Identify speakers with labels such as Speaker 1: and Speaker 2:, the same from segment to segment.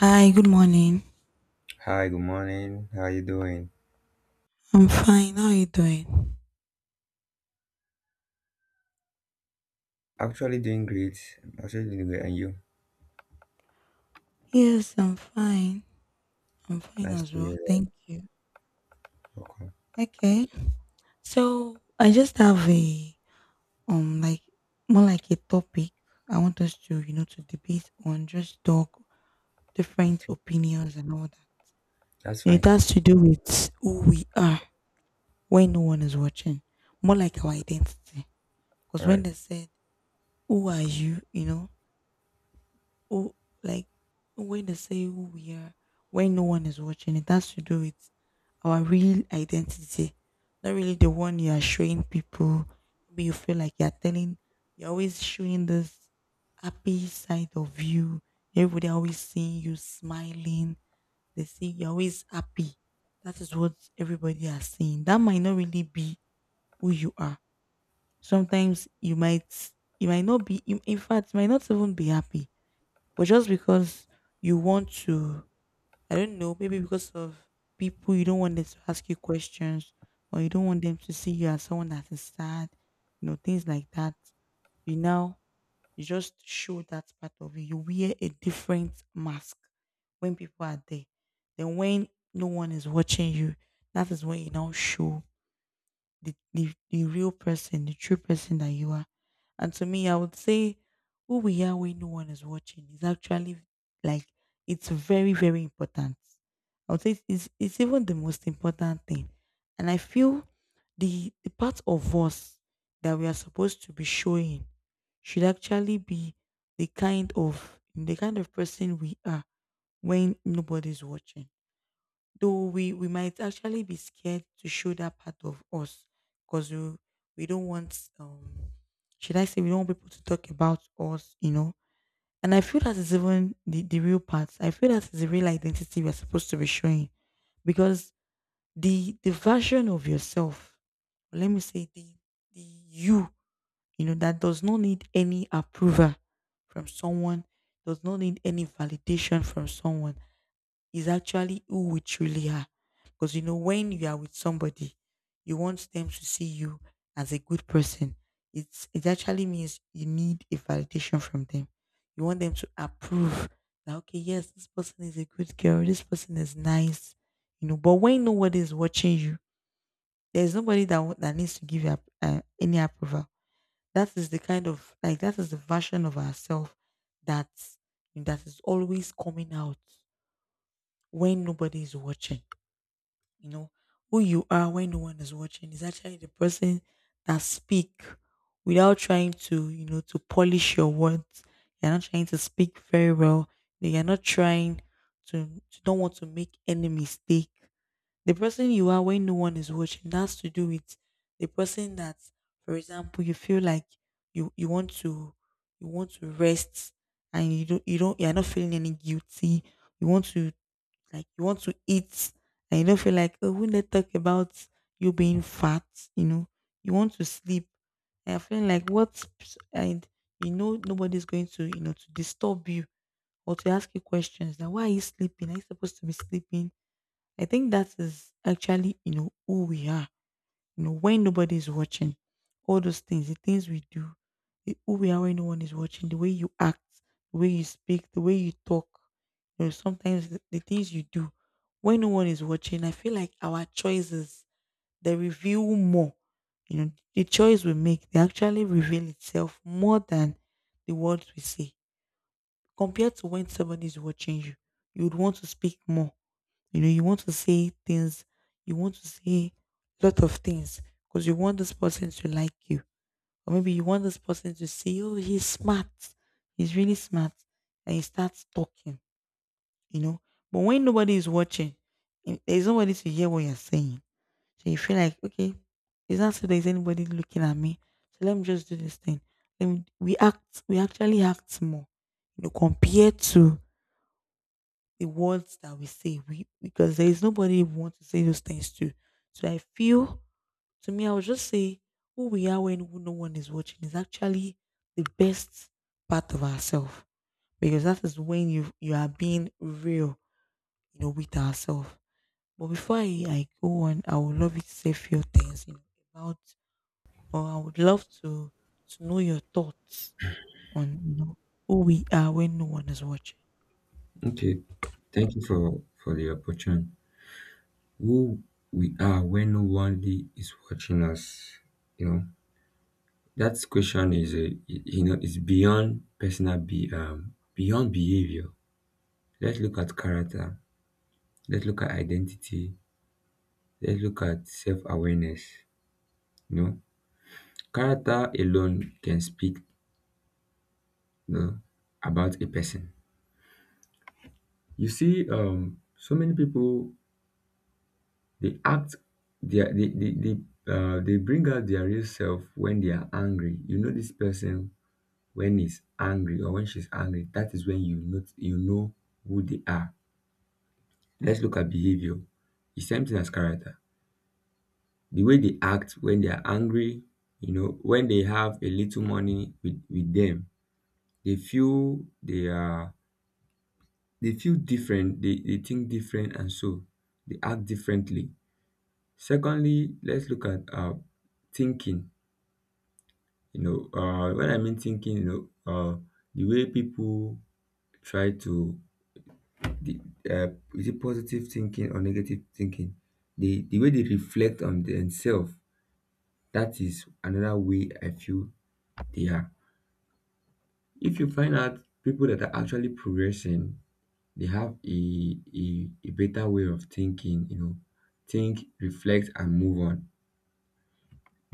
Speaker 1: Hi, good morning.
Speaker 2: Hi, good morning. How are you doing?
Speaker 1: I'm fine. How are you doing?
Speaker 2: Actually doing great. Actually doing great. And you?
Speaker 1: Yes, I'm fine. I'm fine
Speaker 2: Nice
Speaker 1: as
Speaker 2: to hear
Speaker 1: well. Thank you.
Speaker 2: that. Okay.
Speaker 1: Okay. So I just have a um like more like a topic I want us to, you know, to debate on, just talk different
Speaker 2: Okay.
Speaker 1: opinions and all that.
Speaker 2: That's
Speaker 1: It
Speaker 2: fine.
Speaker 1: has to do with who we are when no one is watching. More like our identity. Because
Speaker 2: All
Speaker 1: when
Speaker 2: right.
Speaker 1: they said, who are you? You know, oh, like when they say who we are, when no one is watching, it has to do with our real identity, not really the one you are showing people. Maybe you feel like you're telling, you're always showing this happy side of you. Everybody always seeing you smiling. They see you're always happy. That is what everybody are seeing. That might not really be who you are. Sometimes you might not be, in fact, you might not even be happy but just because you want to, I don't know, maybe because of people, you don't want them to ask you questions or you don't want them to see you as someone that is sad, you know, things like that. You now, you just show that part of you. You wear a different mask when people are there. Then when no one is watching you, that is when you now show the real person, the true person that you are. And to me, I would say who we are when no one is watching is actually like it's very, very important. I would say it's even the most important thing. And I feel the part of us that we are supposed to be showing should actually be the kind of person we are when nobody's watching. Though we might actually be scared to show that part of us because we don't want, should I say, we don't want people to talk about us, you know. And I feel that is even the real part. I feel that is the real identity we're supposed to be showing because the version of yourself, or let me say the you, you know, that does not need any approval from someone, does not need any validation from someone is actually who we truly are. Because you know, when you are with somebody, you want them to see you as a good person. It actually means you need a validation from them. You want them to approve that okay, yes, this person is a good girl, this person is nice, you know. But when nobody is watching you, there's nobody that needs to give you any approval. That is the kind of like that is the version of ourselves that that is always coming out when nobody is watching. You know, who you are when no one is watching is actually the person that speak without trying to, you know, to polish your words. You're not trying to speak very well. You're not trying You don't want to make any mistake. The person you are when no one is watching that's to do with the person that, for example, you feel like you want to you want to rest and you're not feeling any guilty, you want to like you want to eat and you don't feel like, oh, when they talk about you being fat, you know, you want to sleep. And I'm feeling like what and you know nobody's going to, you know, to disturb you or to ask you questions. Now why are you sleeping? Are you supposed to be sleeping? I think that is actually, you know, who we are, you know, when nobody's watching, all those things, the things we do, the- who we are when no one is watching, the way you act, the way you speak, the way you talk, you know, sometimes the things you do when no one is watching, I feel like our choices they reveal more. You know, the choice we make, they actually reveal itself more than the words we say. Compared to when somebody is watching you, you would want to speak more, you know, you want to say things, you want to say a lot of things because you want this person to like you. Or maybe you want this person to say, oh, he's smart. He's really smart. And he starts talking, you know. But when nobody is watching, there's nobody to hear what you're saying. So you feel like, okay, it's not so there's anybody looking at me. So let me just do this thing. Then we actually act more, you know, compared to the words that we say we, because there is nobody we want to say those things to. So I feel, to me, I would just say who we are when no one is watching is actually the best part of ourselves because that is when you are being real, you know, with ourselves. But before I go on, I would love you to say a few things, you know, about or I would love to know your thoughts on, you know, who we are when no one is watching.
Speaker 2: Okay, thank you for the opportunity. Who we are when nobody is watching us, you know. That question is a, you know, it's beyond personal be beyond behavior. Let's look at character. Let's look at identity. Let's look at self awareness. You know, character alone can speak, you know, about a person. You see, so many people they act, they are- they bring out their real self when they are angry. You know this person when he's angry or when she's angry. That is when you know, you know who they are. Let's look at behavior. It's same thing as character. The way they act when they are angry, you know, when they have a little money with them, they feel they feel different, they think different, and so they act differently. Secondly, let's look at thinking. You know, when I mean thinking, you know, the way people try to the uh is it positive thinking or negative thinking, the way they reflect on themselves, that is another way I feel they are. If you find out people that are actually progressing, they have a better way of thinking. You know, think, reflect and move on.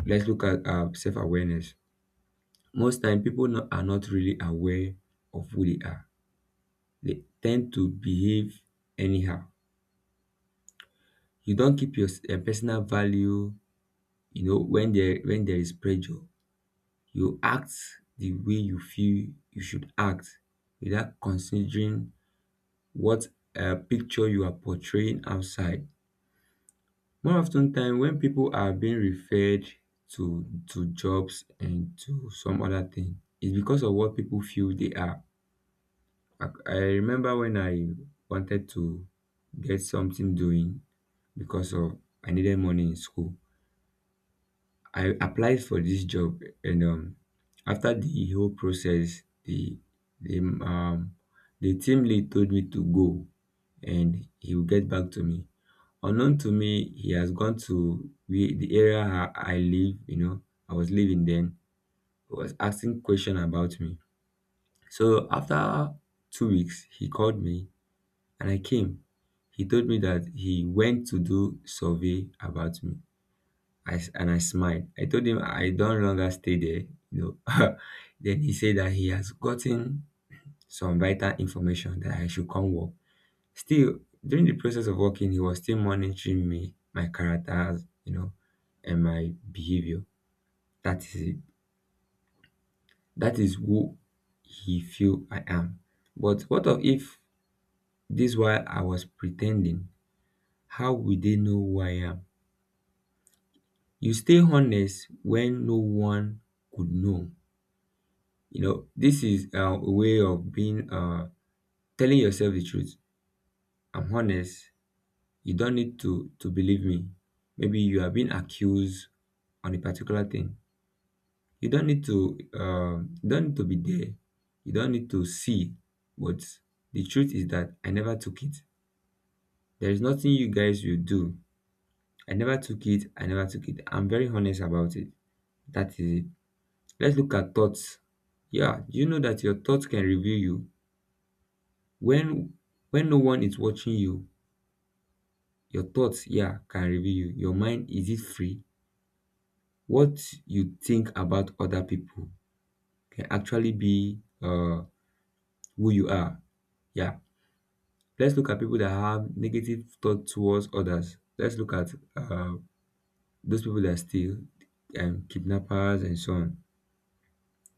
Speaker 2: Let's look at self-awareness. Most time people are not really aware of who they are. They tend to behave anyhow. You don't keep your personal value, you know, when there is pressure. You act the way you feel you should act without considering what picture you are portraying outside. More often ten time when people are being referred to jobs and to some other thing, it's because of what people feel they are. I remember when I wanted to get something doing because of I needed money in school. I applied for this job, and after the whole process, the um the team lead told me to go and he will get back to me. Unknown to me, he has gone to we the area I live, you know, I was living then. He was asking question about me. So after 2 weeks, he called me and I came. He told me that he went to do survey about me. And I smiled. I told him I don't longer stay there, you know. Then he said that he has gotten some vital information that I should come work. Still, during the process of working, he was still monitoring me, my characters, you know, and my behavior. That is it. That is who he feel I am. But what of if this while I was pretending? How would they know who I am? You stay honest when no one could know. You know, this is a way of being telling yourself the truth. I'm honest, you don't need to believe me. Maybe you have been accused on a particular thing, you don't need to you don't need to be there, you don't need to see, but the truth is that I never took it. There is nothing you guys will do. I never took it. I never took it. I'm very honest about it. That is it. Let's look at thoughts. Yeah, do you know that your thoughts can reveal you when no one is watching you? Your thoughts, yeah, can reveal you. Your mind, is it free? What you think about other people can actually be, who you are. Yeah. Let's look at people that have negative thoughts towards others. Let's look at those people that steal and kidnappers and so on.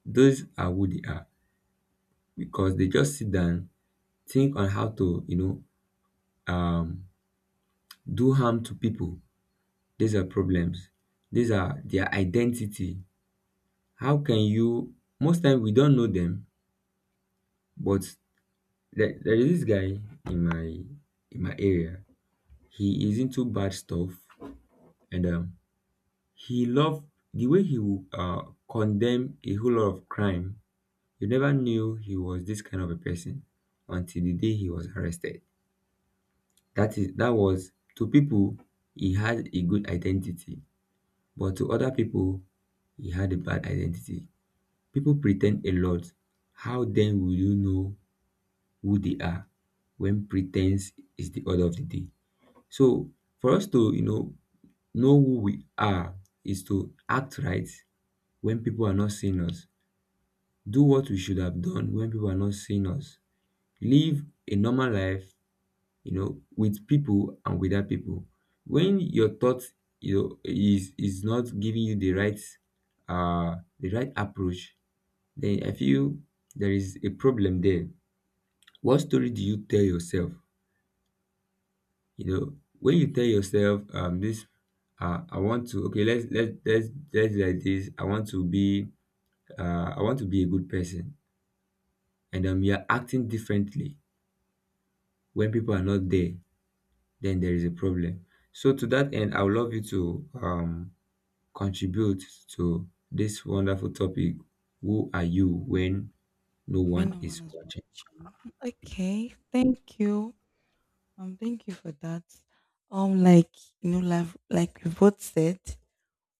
Speaker 2: Those are who they are, because they just sit down, think on how to, you know, um, do harm to people. These are problems. These are their identity. How can you? Most time we don't know them, but there is this guy in my in my area. He is into bad stuff, and he loved the way he would condemn a whole lot of crime. You never knew he was this kind of a person until the day he was arrested. That was to people, he had a good identity, but to other people he had a bad identity. People pretend a lot. How then will you know who they are when pretense is the order of the day? So for us to, you know who we are is to act right when people are not seeing us, do what we should have done when people are not seeing us, live a normal life, you know, with people and without people. When your thought, you know, is not giving you the right approach, then I feel there is a problem there. What story do you tell yourself? You know, when you tell yourself, this I want to, okay, let's do like this. I want to be I want to be a good person, and you're acting differently when people are not there, then there is a problem. So to that end, I would love you to contribute to this wonderful topic. Who are you when no
Speaker 1: When
Speaker 2: one
Speaker 1: no one
Speaker 2: is
Speaker 1: is
Speaker 2: watching?
Speaker 1: watching. Okay, thank you. Thank you for that. Um, like you know, like we both said,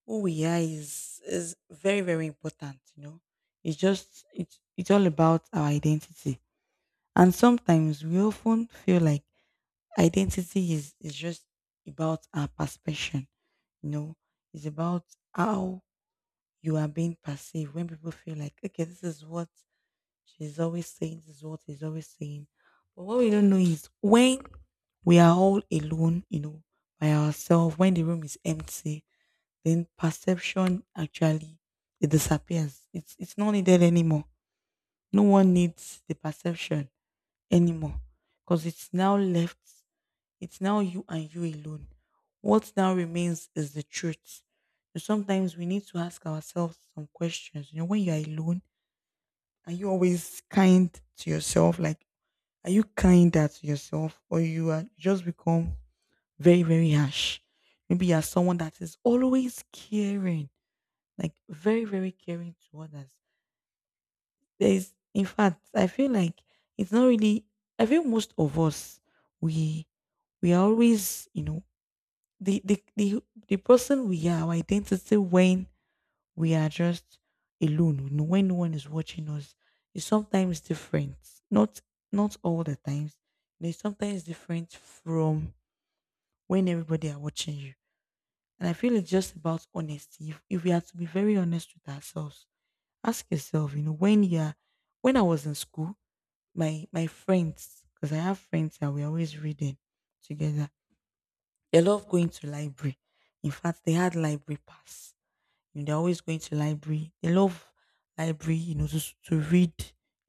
Speaker 1: who we are is very very important. You know, it's just it's all about our identity, and sometimes we often feel like identity is just about our perception. You know, it's about how you are being perceived when people feel like okay, this is what she's always saying, this is what he's always saying. But what we don't know is when we are all alone, you know, by ourselves, when the room is empty, then perception actually it disappears. It's not needed anymore. No one needs the perception anymore. Because it's now left, it's now you and you alone. What now remains is the truth. So sometimes we need to ask ourselves some questions. You know, when you're alone, are you always kind to yourself? Like are you kinder to yourself or you are just become very, very harsh? Maybe you're someone that is always caring, like very, very caring to others. There is, in fact, I feel like it's not really, I feel most of us, we, we are always, you know, the person we are, our identity when we are just alone. No, when no one is watching us, it's sometimes different. Not not all the times. You know, it's sometimes different from when everybody are watching you. And I feel it's just about honesty. If we are to be very honest with ourselves, ask yourself, you know, when you're when I was in school, my friends, because I have friends that we always reading together. They love going to library. In fact, they had library pass. You know, they're always going to library. They love library, you know, to read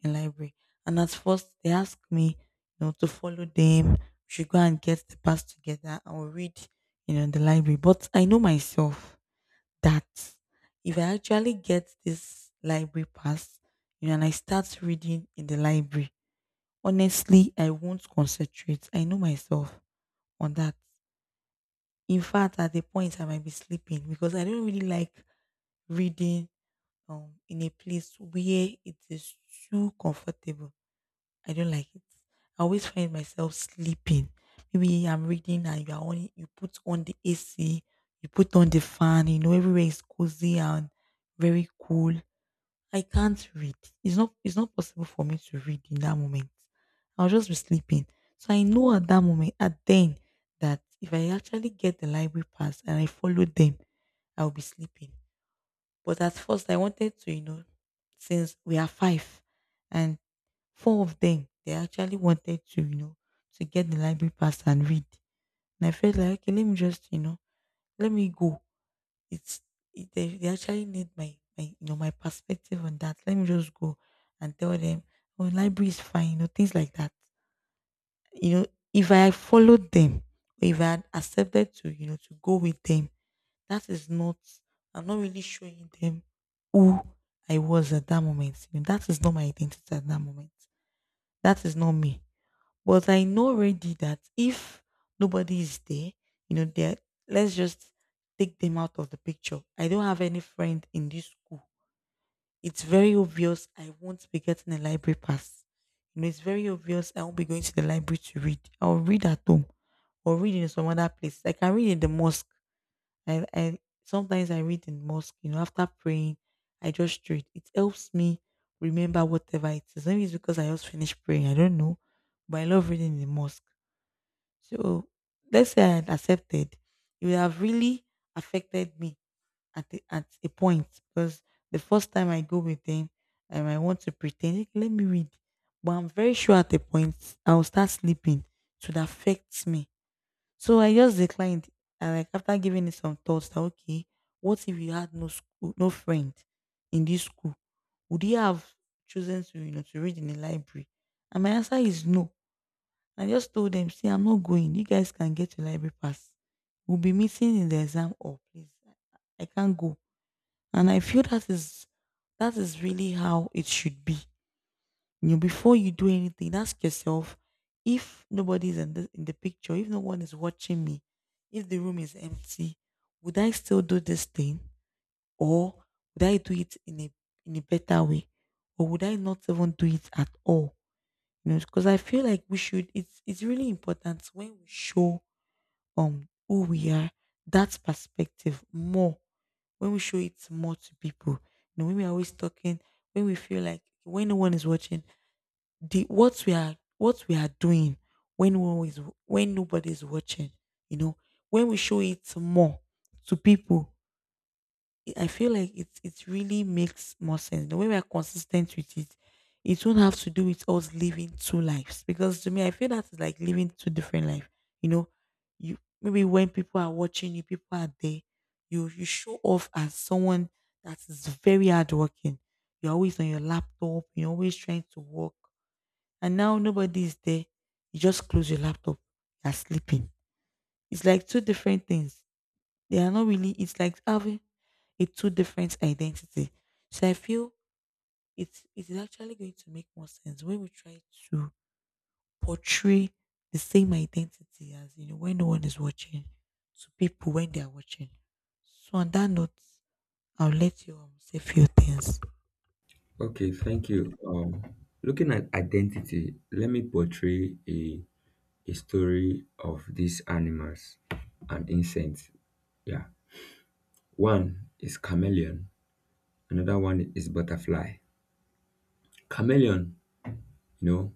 Speaker 1: in library. And at first, they ask me, you know, to follow them. We should go and get the pass together and we'll read, you know, in the library. But I know myself that if I actually get this library pass, you know, and I start reading in the library, honestly, I won't concentrate. I know myself on that. In fact, at the point I might be sleeping because I don't really like reading in a place where it is too comfortable. I don't like it. I always find myself sleeping. Maybe I'm reading and you are on, you put on the AC, you put on the fan, you know, everywhere is cozy and very cool. I can't read. It's not possible for me to read in that moment. I'll just be sleeping. So I know at that moment, at then, that if I actually get the library pass and I follow them, I'll be sleeping. But at first, I wanted to, you know, since we are five and four of them, they actually wanted to, you know, to get the library pass and read. And I felt like, okay, let me just, you know, let me go. It's, they actually need my, you know, my perspective on that. Let me just go and tell them, oh, library is fine, you know, things like that. You know, if I followed them, if I had accepted to go with them, that is not I'm not really showing them who I was at that moment. That is not my identity at that moment. That is not me. But I know already that if nobody is there, you know there let's just take them out of the picture. I don't have any friend in this school. It's very obvious I won't be getting a library pass. It's very obvious I won't be going to the library to read. I'll read at home, or read in some other place. I can read in the mosque. I Sometimes I read in mosque, after praying. I just read. It helps me remember whatever it is. Maybe it's because I just finished praying. I don't know, but I love reading in the mosque. So let's say I had accepted, it would have really affected me at a point, because the first time I go with them, and I want to pretend. "Hey, let me read, but I'm very sure at a point I'll start sleeping." It would affect me, so I just declined. And, like, after giving it some thoughts, that okay, what if you had no school, no friend in this school? Would you have chosen to read in the library? And my answer is no. I just told them, "See, I'm not going. You guys can get your library pass. We'll be meeting in the exam hall, please. I can't go." And I feel that is really how it should be. Before you do anything, ask yourself: if nobody's in the picture, if no one is watching me, if the room is empty, would I still do this thing, or would I do it in a better way, or would I not even do it at all? Because I feel like we should it's really important when we show who we are, that perspective more, when we show it more to people. When we're always talking, when we feel like when no one is watching, the what we are doing, when no one is when nobody's watching, you know when we show it more to people, I feel like it really makes more sense the way we are consistent with it. It won't have to do with us living two lives, because to me, I feel that is like living two different lives. You know you Maybe when people are watching you, people are there, you show off as someone that is very hardworking, you're always on your laptop, you're always trying to work, and now nobody is there. You just close your laptop. You're sleeping. It's like two different things. They are not really. It's like having a two different identity. So I feel it is actually going to make more sense when we try to portray the same identity as, when no one is watching, to people when they are watching. So on that note, I'll let you say few things.
Speaker 2: Okay, thank you. Looking at identity, let me portray a story of these animals and insects. Yeah. One is chameleon, another one is butterfly. Chameleon, you know,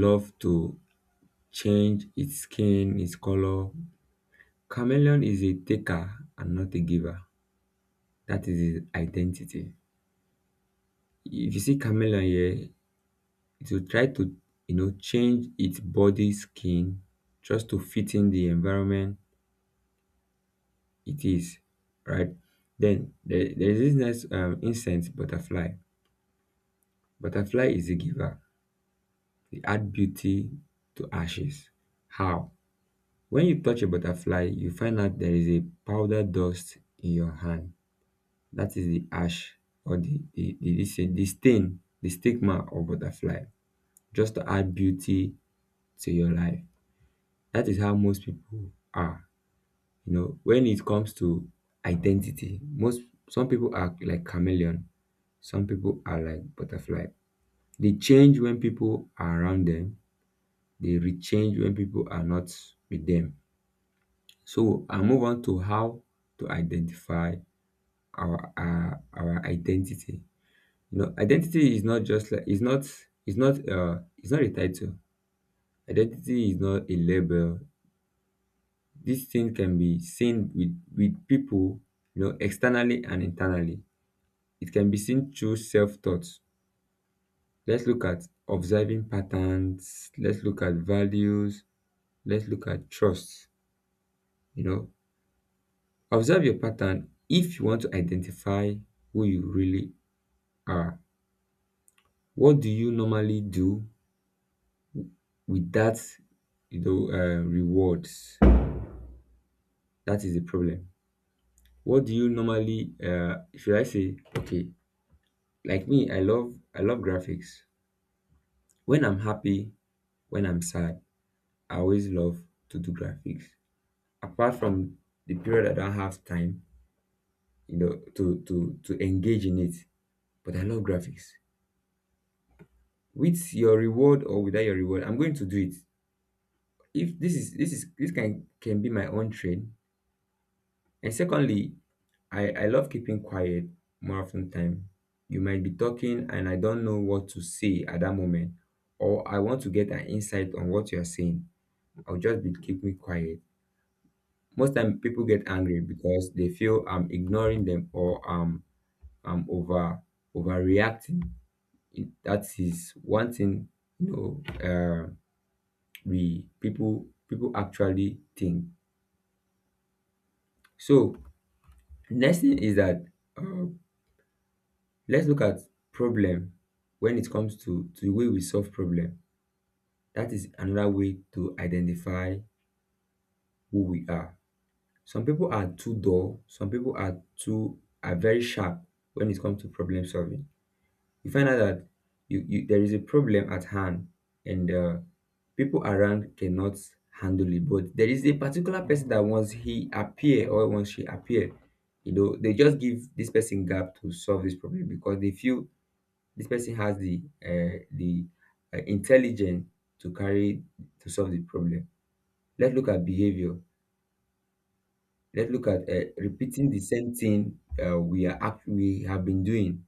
Speaker 2: love to change its skin, its color. Chameleon is a taker and not a giver. That is his identity. If you see chameleon here, it will try to, you know, change its body skin just to fit in the environment. It is, right? Then there is this nice incense butterfly. Butterfly is a giver. They add beauty to ashes. How? When you touch a butterfly, you find out there is a powder dust in your hand. That is the ash or this the stain, the stigma of butterfly, just to add beauty to your life. That is how most people are. You know, when it comes to identity, most some people are like chameleon. Some people are like butterfly. They change when people are around them. They rechange when people are not with them. So I move on to how to identify our identity. You know, identity is not just like, it's not, it's not it's not a title. Identity is not a label. This thing can be seen with people, you know, externally and internally. It can be seen through self-thought. Let's look at observing patterns. Let's look at values. Let's look at trust. You know, observe your pattern if you want to identify who you really are. What do you normally do with that? You know, rewards? That is the problem. What do you normally, should I say? Okay, like me, I love graphics. When I'm happy, when I'm sad, I always love to do graphics. Apart from the period I don't have time, you know, to to engage in it, but I love graphics. With your reward or without your reward, I'm going to do it. If this can be my own trade. And secondly, I love keeping quiet. More often time, you might be talking and I don't know what to say at that moment, or I want to get an insight on what you're saying. I'll just be keeping quiet. Most time people get angry because they feel I'm ignoring them, or I'm overreacting. It, that is one thing, you know. um we people actually think. So next thing is that, uh, let's look at problem. When it comes to the way we solve problem, that is another way to identify who we are. Some people are too dull, some people are too are very sharp when it comes to problem solving. You find out that you there is a problem at hand, and people around cannot handle it, but there is a particular person that once he appear or once she appear, you know, they just give this person gap to solve this problem, because they feel this person has the intelligence to carry to solve the problem. Let's look at behavior. Let's look at repeating the same thing we we have been doing.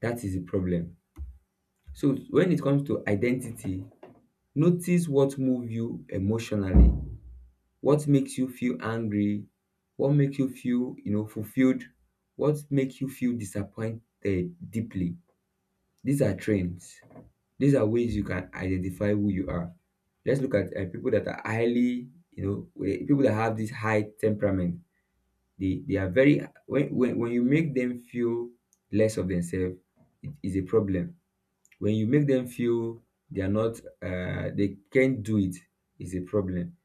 Speaker 2: That is the problem. So when it comes to identity, notice what move you emotionally, what makes you feel angry, what makes you feel, you know, fulfilled, what makes you feel disappointed deeply. These are trends. These are ways you can identify who you are. Let's look at people that are highly, people that have this high temperament. They are very when you make them feel less of themselves, it is a problem. When you make them feel they are not, they can't do it, is a problem,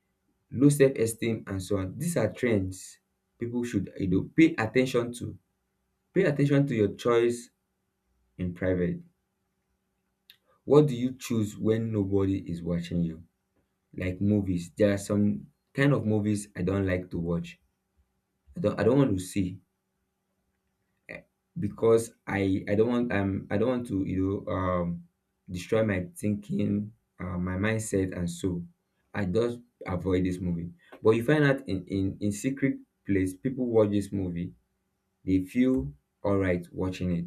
Speaker 2: low self-esteem and so on. These are trends people should pay attention to. Pay attention to your choice in private. What do you choose when nobody is watching you? Like movies, there are some kind of movies I don't like to watch. I don't want to see eh, because I don't want to you know destroy my thinking, my mindset, and so I just avoid this movie. But you find out in secret place people watch this movie, they feel all right watching it.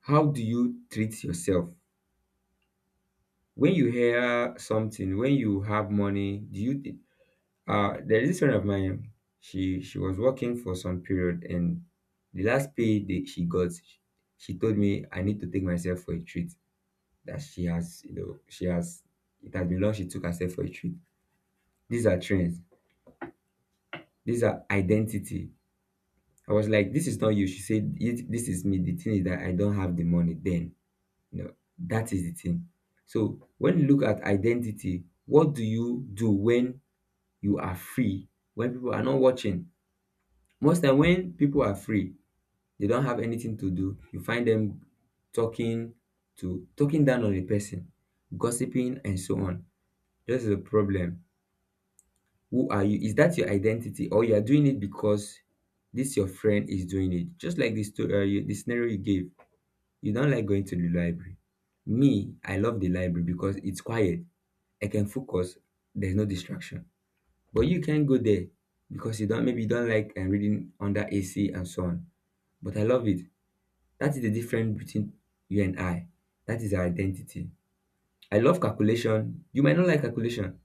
Speaker 2: How do you treat yourself? When you hear something, when you have money, there is this friend of mine, she was working for some period, and the last pay that she got, she told me I need to take myself for a treat. That she has, she has, it has been long she took herself for a treat. These are trends. These are identity. I was like, this is not you. She said, "It- this is me. The thing is that I don't have the money then. You know, that is the thing." So when you look at identity, what do you do when you are free? When people are not watching? Most time when people are free, they don't have anything to do. You find them talking talking down on a person, gossiping and so on. This is a problem. Who are you? Is that your identity, or you are doing it because this your friend is doing it? Just like this story, the scenario you gave. You don't like going to the library. Me, I love the library because it's quiet, I can focus. There's no distraction. But you can go there because you don't like reading under AC and so on. But I love it. That is the difference between you and I. That is our identity. I love calculation. You might not like calculation,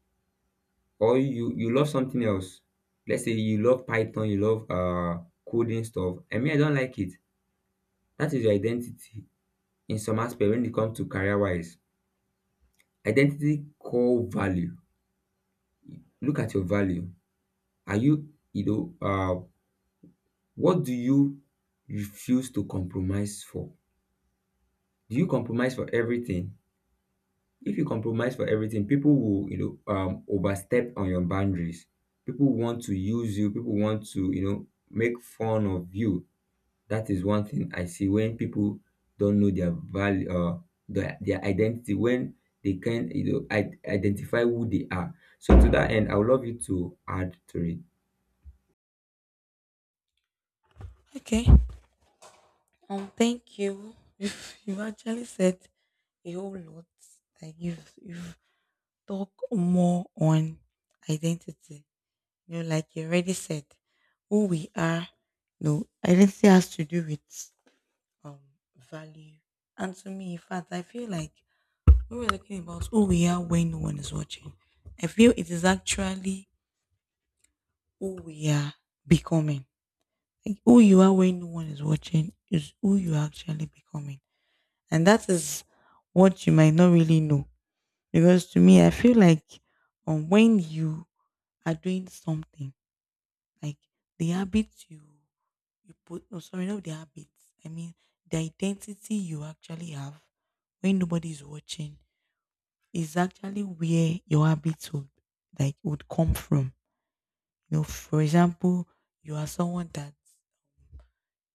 Speaker 2: or you love something else. Let's say you love Python, you love coding stuff. I mean, I don't like it. That is your identity in some aspect when it comes to career wise. Identity core value. Look at your value. Are you you know what do you refuse to compromise for? Do you compromise for everything? If you compromise for everything, people will, overstep on your boundaries. People want to use you. People want to, make fun of you. That is one thing I see when people don't know their value, their identity, when they can, identify who they are. So to that end, I would love you to add to it.
Speaker 1: Okay. Thank you. You've actually said a whole lot. Like you've talked more on identity. Like you already said, who we are. No, identity has to do with um value. And to me, in fact, I feel like when we're talking about who we are when no one is watching, I feel it is actually who we are becoming. Like who you are when no one is watching is who you are actually becoming. And that is what you might not really know. Because to me, I feel like, when you are doing something, like, the habits you put — oh, sorry, not the habits, I mean, the identity you actually have when nobody is watching is actually where your habits would, like, would come from. For example, you are someone that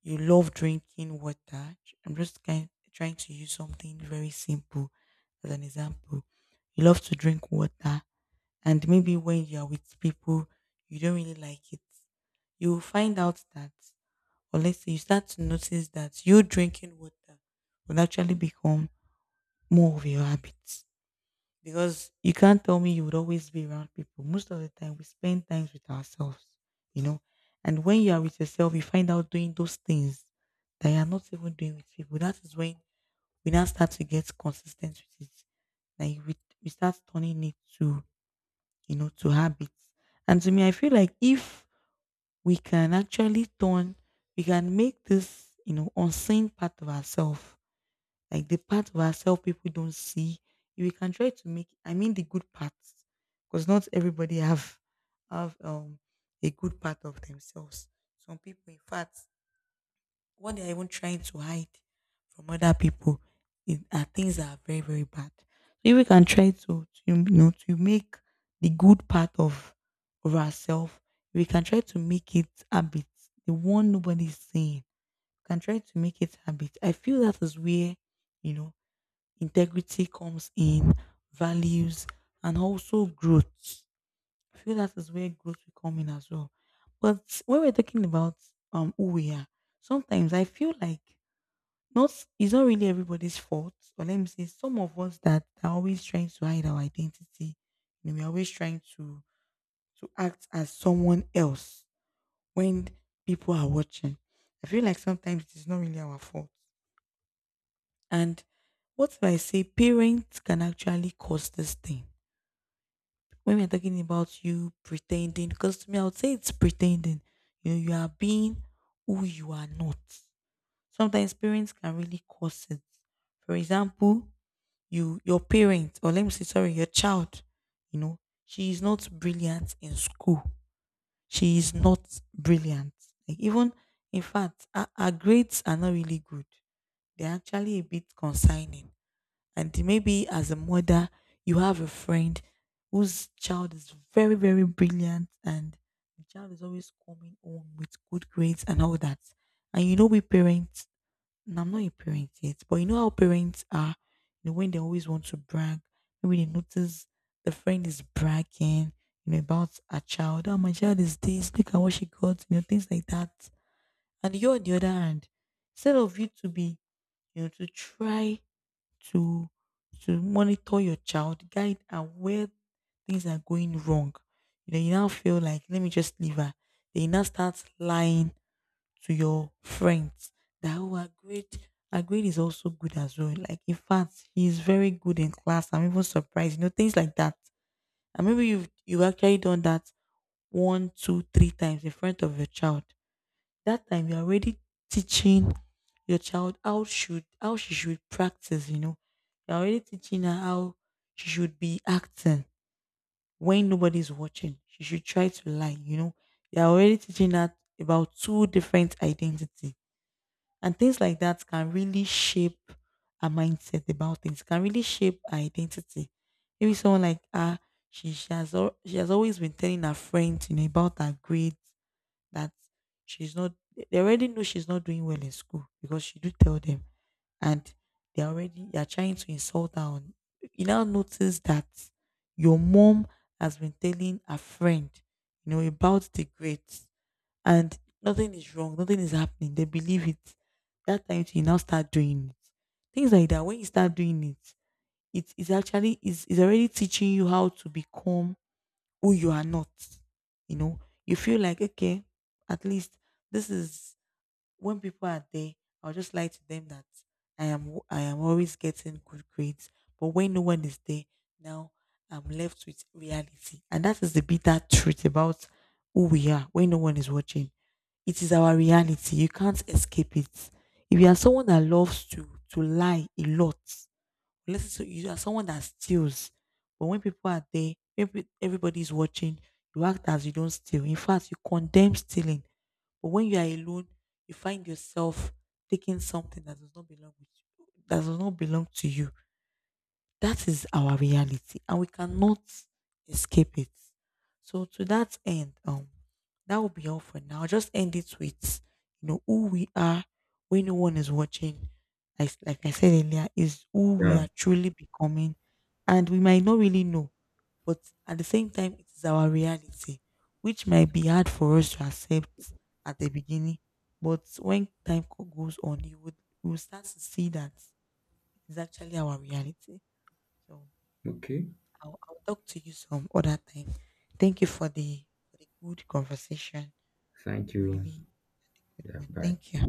Speaker 1: you love drinking water. I'm just kind trying to use something very simple as an example. You love to drink water, and maybe when you are with people, you don't really like it. You will find out that, or let's say you start to notice that you drinking water will actually become more of your habit, because you can't tell me you would always be around people. Most of the time, we spend times with ourselves, you know. And when you are with yourself, you find out doing those things that you are not even doing with people. That is when we now start to get consistent with it. Like we start turning it to habits. And to me, I feel like if we can actually turn, we can make this unseen part of ourselves, like the part of ourselves people don't see. We can try to make. I mean the good parts, because not everybody have a good part of themselves. Some people, in fact, what they are even trying to hide from other people, are things that are very, very bad. So if we can try to you know to make the good part of ourselves, we can try to make it habit. The one nobody's saying, we can try to make it habit. I feel that is where, you know integrity comes in, values, and also growth. I feel that is where growth will come in as well. But when we're talking about who we are, sometimes I feel like, not it's not really everybody's fault, or let me say, some of us that are always trying to hide our identity. And we're always trying to act as someone else when people are watching. I feel like sometimes it is not really our fault. And what if I say parents can actually cause this thing? When we're talking about you pretending, because to me, I would say it's pretending. You are being who you are not. Sometimes parents can really cause it. For example, your parent — or let me say, sorry, your child, you know, she is not brilliant in school. She is not brilliant. Like, even in fact, her grades are not really good. They're actually a bit concerning, and maybe as a mother, you have a friend whose child is very, very brilliant, and the child is always coming home with good grades and all that. We parents — and I'm not a parent yet, but you know how parents are, when they always want to brag, maybe they notice the friend is bragging, about a child. Oh, my child is this, look at what she got, things like that. And you're on the other hand, instead of you to be, you know, to try to to monitor your child, guide her where things are going wrong. You now feel like, let me just leave her. Then you now start lying to your friends that, oh, her grade is also good as well. Like, in fact, he's very good in class. I'm even surprised. Things like that. And maybe you've actually done that one, two, three times in front of your child. That time you're already teaching your child how she should practice. You're already teaching her how she should be acting when nobody's watching, she should try to lie. You're already teaching her about two different identity, and things like that can really shape her mindset about things, can really shape her identity. Maybe someone like her, she has always been telling her friends, about her grades that she's not. They already know she's not doing well in school, because she do tell them, and they are trying to insult her on. You now notice that your mom has been telling a friend, about the grades, and nothing is wrong, nothing is happening, they believe it. That time you now start doing it. Things like that, when you start doing it, it is actually is already teaching you how to become who you are not. You know, you feel like, okay, at least this is when people are there, I'll just lie to them that I am always getting good grades. But when no one is there, now I'm left with reality. And that is the bitter truth about who we are when no one is watching. It is our reality. You can't escape it. If you are someone that loves to lie a lot, listen, to you are someone that steals. But when people are there, everybody watching, you act as you don't steal. In fact, you condemn stealing. But when you are alone, you find yourself taking something that does not belong with you, that does not belong to you. That is our reality, and we cannot escape it. So to that end, that will be all for now. I'll just end it with, who we are when no one is watching. Like I said earlier, is who we
Speaker 2: Yeah.
Speaker 1: are truly becoming, and we might not really know, but at the same time, it is our reality, which might be hard for us to accept at the beginning. But when time goes on, you would we will start to see that it's actually our reality. So
Speaker 2: Okay.
Speaker 1: I'll talk to you some other time. Thank you for the good conversation.
Speaker 2: Thank
Speaker 1: Really,
Speaker 2: you.
Speaker 1: really good
Speaker 2: Yeah.
Speaker 1: one.
Speaker 2: Bye.
Speaker 1: Thank you.